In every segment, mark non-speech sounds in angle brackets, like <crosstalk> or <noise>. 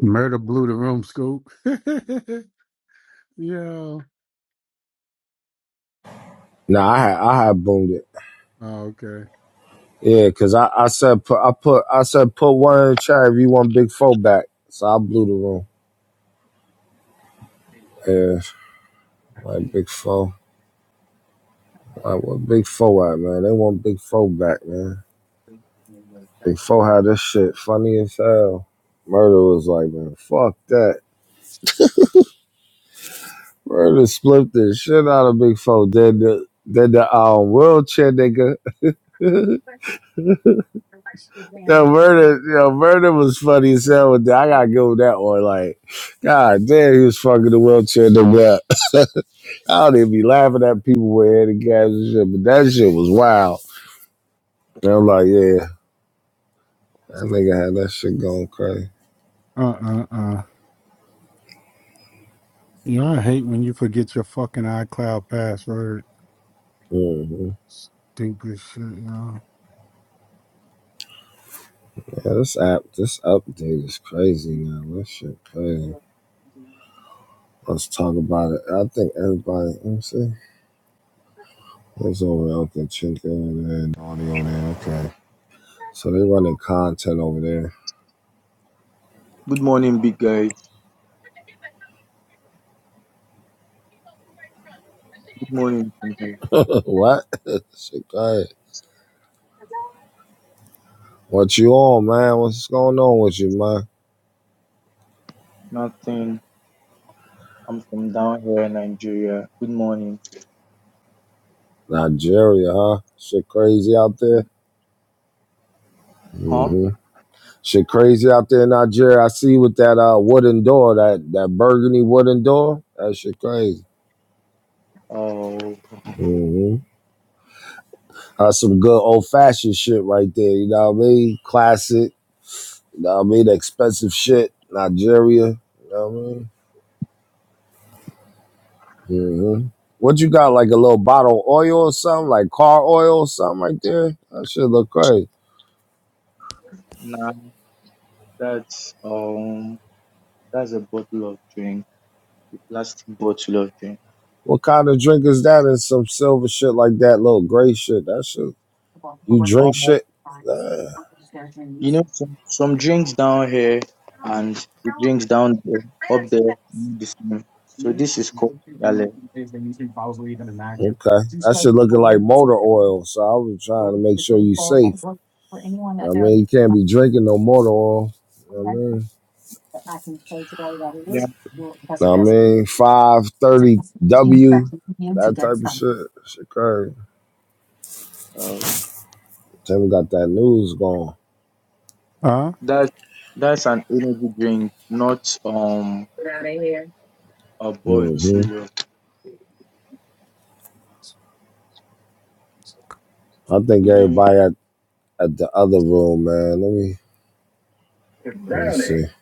Murder blew the room, Scoop. <laughs> yeah. No, I had I had boomed it. Oh, okay. Yeah, cause I, I said put I put I said put one in the chat if you want Big Four back. So I blew the room. Yeah, like Big Four. Like what Big Four at, man? They want Big Four back, man. Big Four had this shit funny as hell. Murder was like, man, fuck that. Murder split the shit out of Big Four. Did the did the um wheelchair nigga. <laughs> Yo, murder, yo, murder was funny as hell with that. I gotta go with that one. Like, god damn, he was fucking the wheelchair nigga up. I don't even be laughing at people with handicaps and shit, but that shit was wild. And I'm like, yeah, that nigga had that shit going crazy. Uh uh uh. You know, I hate when you forget your fucking iCloud password. hmm Stupid shit, you know. Yeah, this app, this update is crazy now. This shit crazy. Let's talk about it. I think everybody, let me see. What's over there? Okay, Chink over there and audio there. Okay. So they running content over there. Good morning, big guy. Good morning, Tunde. <laughs> what? <laughs> shit crazy. What you on, man? What's going on with you, man? Nothing. I'm from down here in Nigeria. Good morning. Nigeria, huh? Shit crazy out there. Huh? Mm-hmm. Shit crazy out there in Nigeria. I see with that uh, wooden door, that, that burgundy wooden door. That shit crazy. Oh, hmm That's some good old fashioned shit right there. You know what I mean? Classic. You know what I mean? The expensive shit. Nigeria. You know what I mean? hmm What you got? Like a little bottle of oil or something? Like car oil or something right there? That shit look crazy. nah, that's um, that's a bottle of drink, a plastic bottle of drink. What kind of drink is that? And some silver shit like that, little gray shit. That shit. You drink Um, shit? Nah. you know, some, some drinks down here and the drinks down there, up there, not the same. So this is called Yale. Okay. That shit looking like motor oil. So I was trying to make sure you safe. You know what I mean, you can't be drinking no motor oil. You know what I mean? Yeah. You know what I mean? 530 W, that type of shit. Shit crazy. Uh, Tim got that news going. Huh? that that's an energy drink, not um a hmm bottle. I think You hear me? everybody at, at the other room, man. Let me let me see. I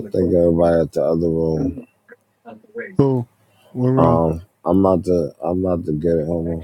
think everybody at the other room. Who? What room? Um, I'm about to I'm about to get it. Hold on.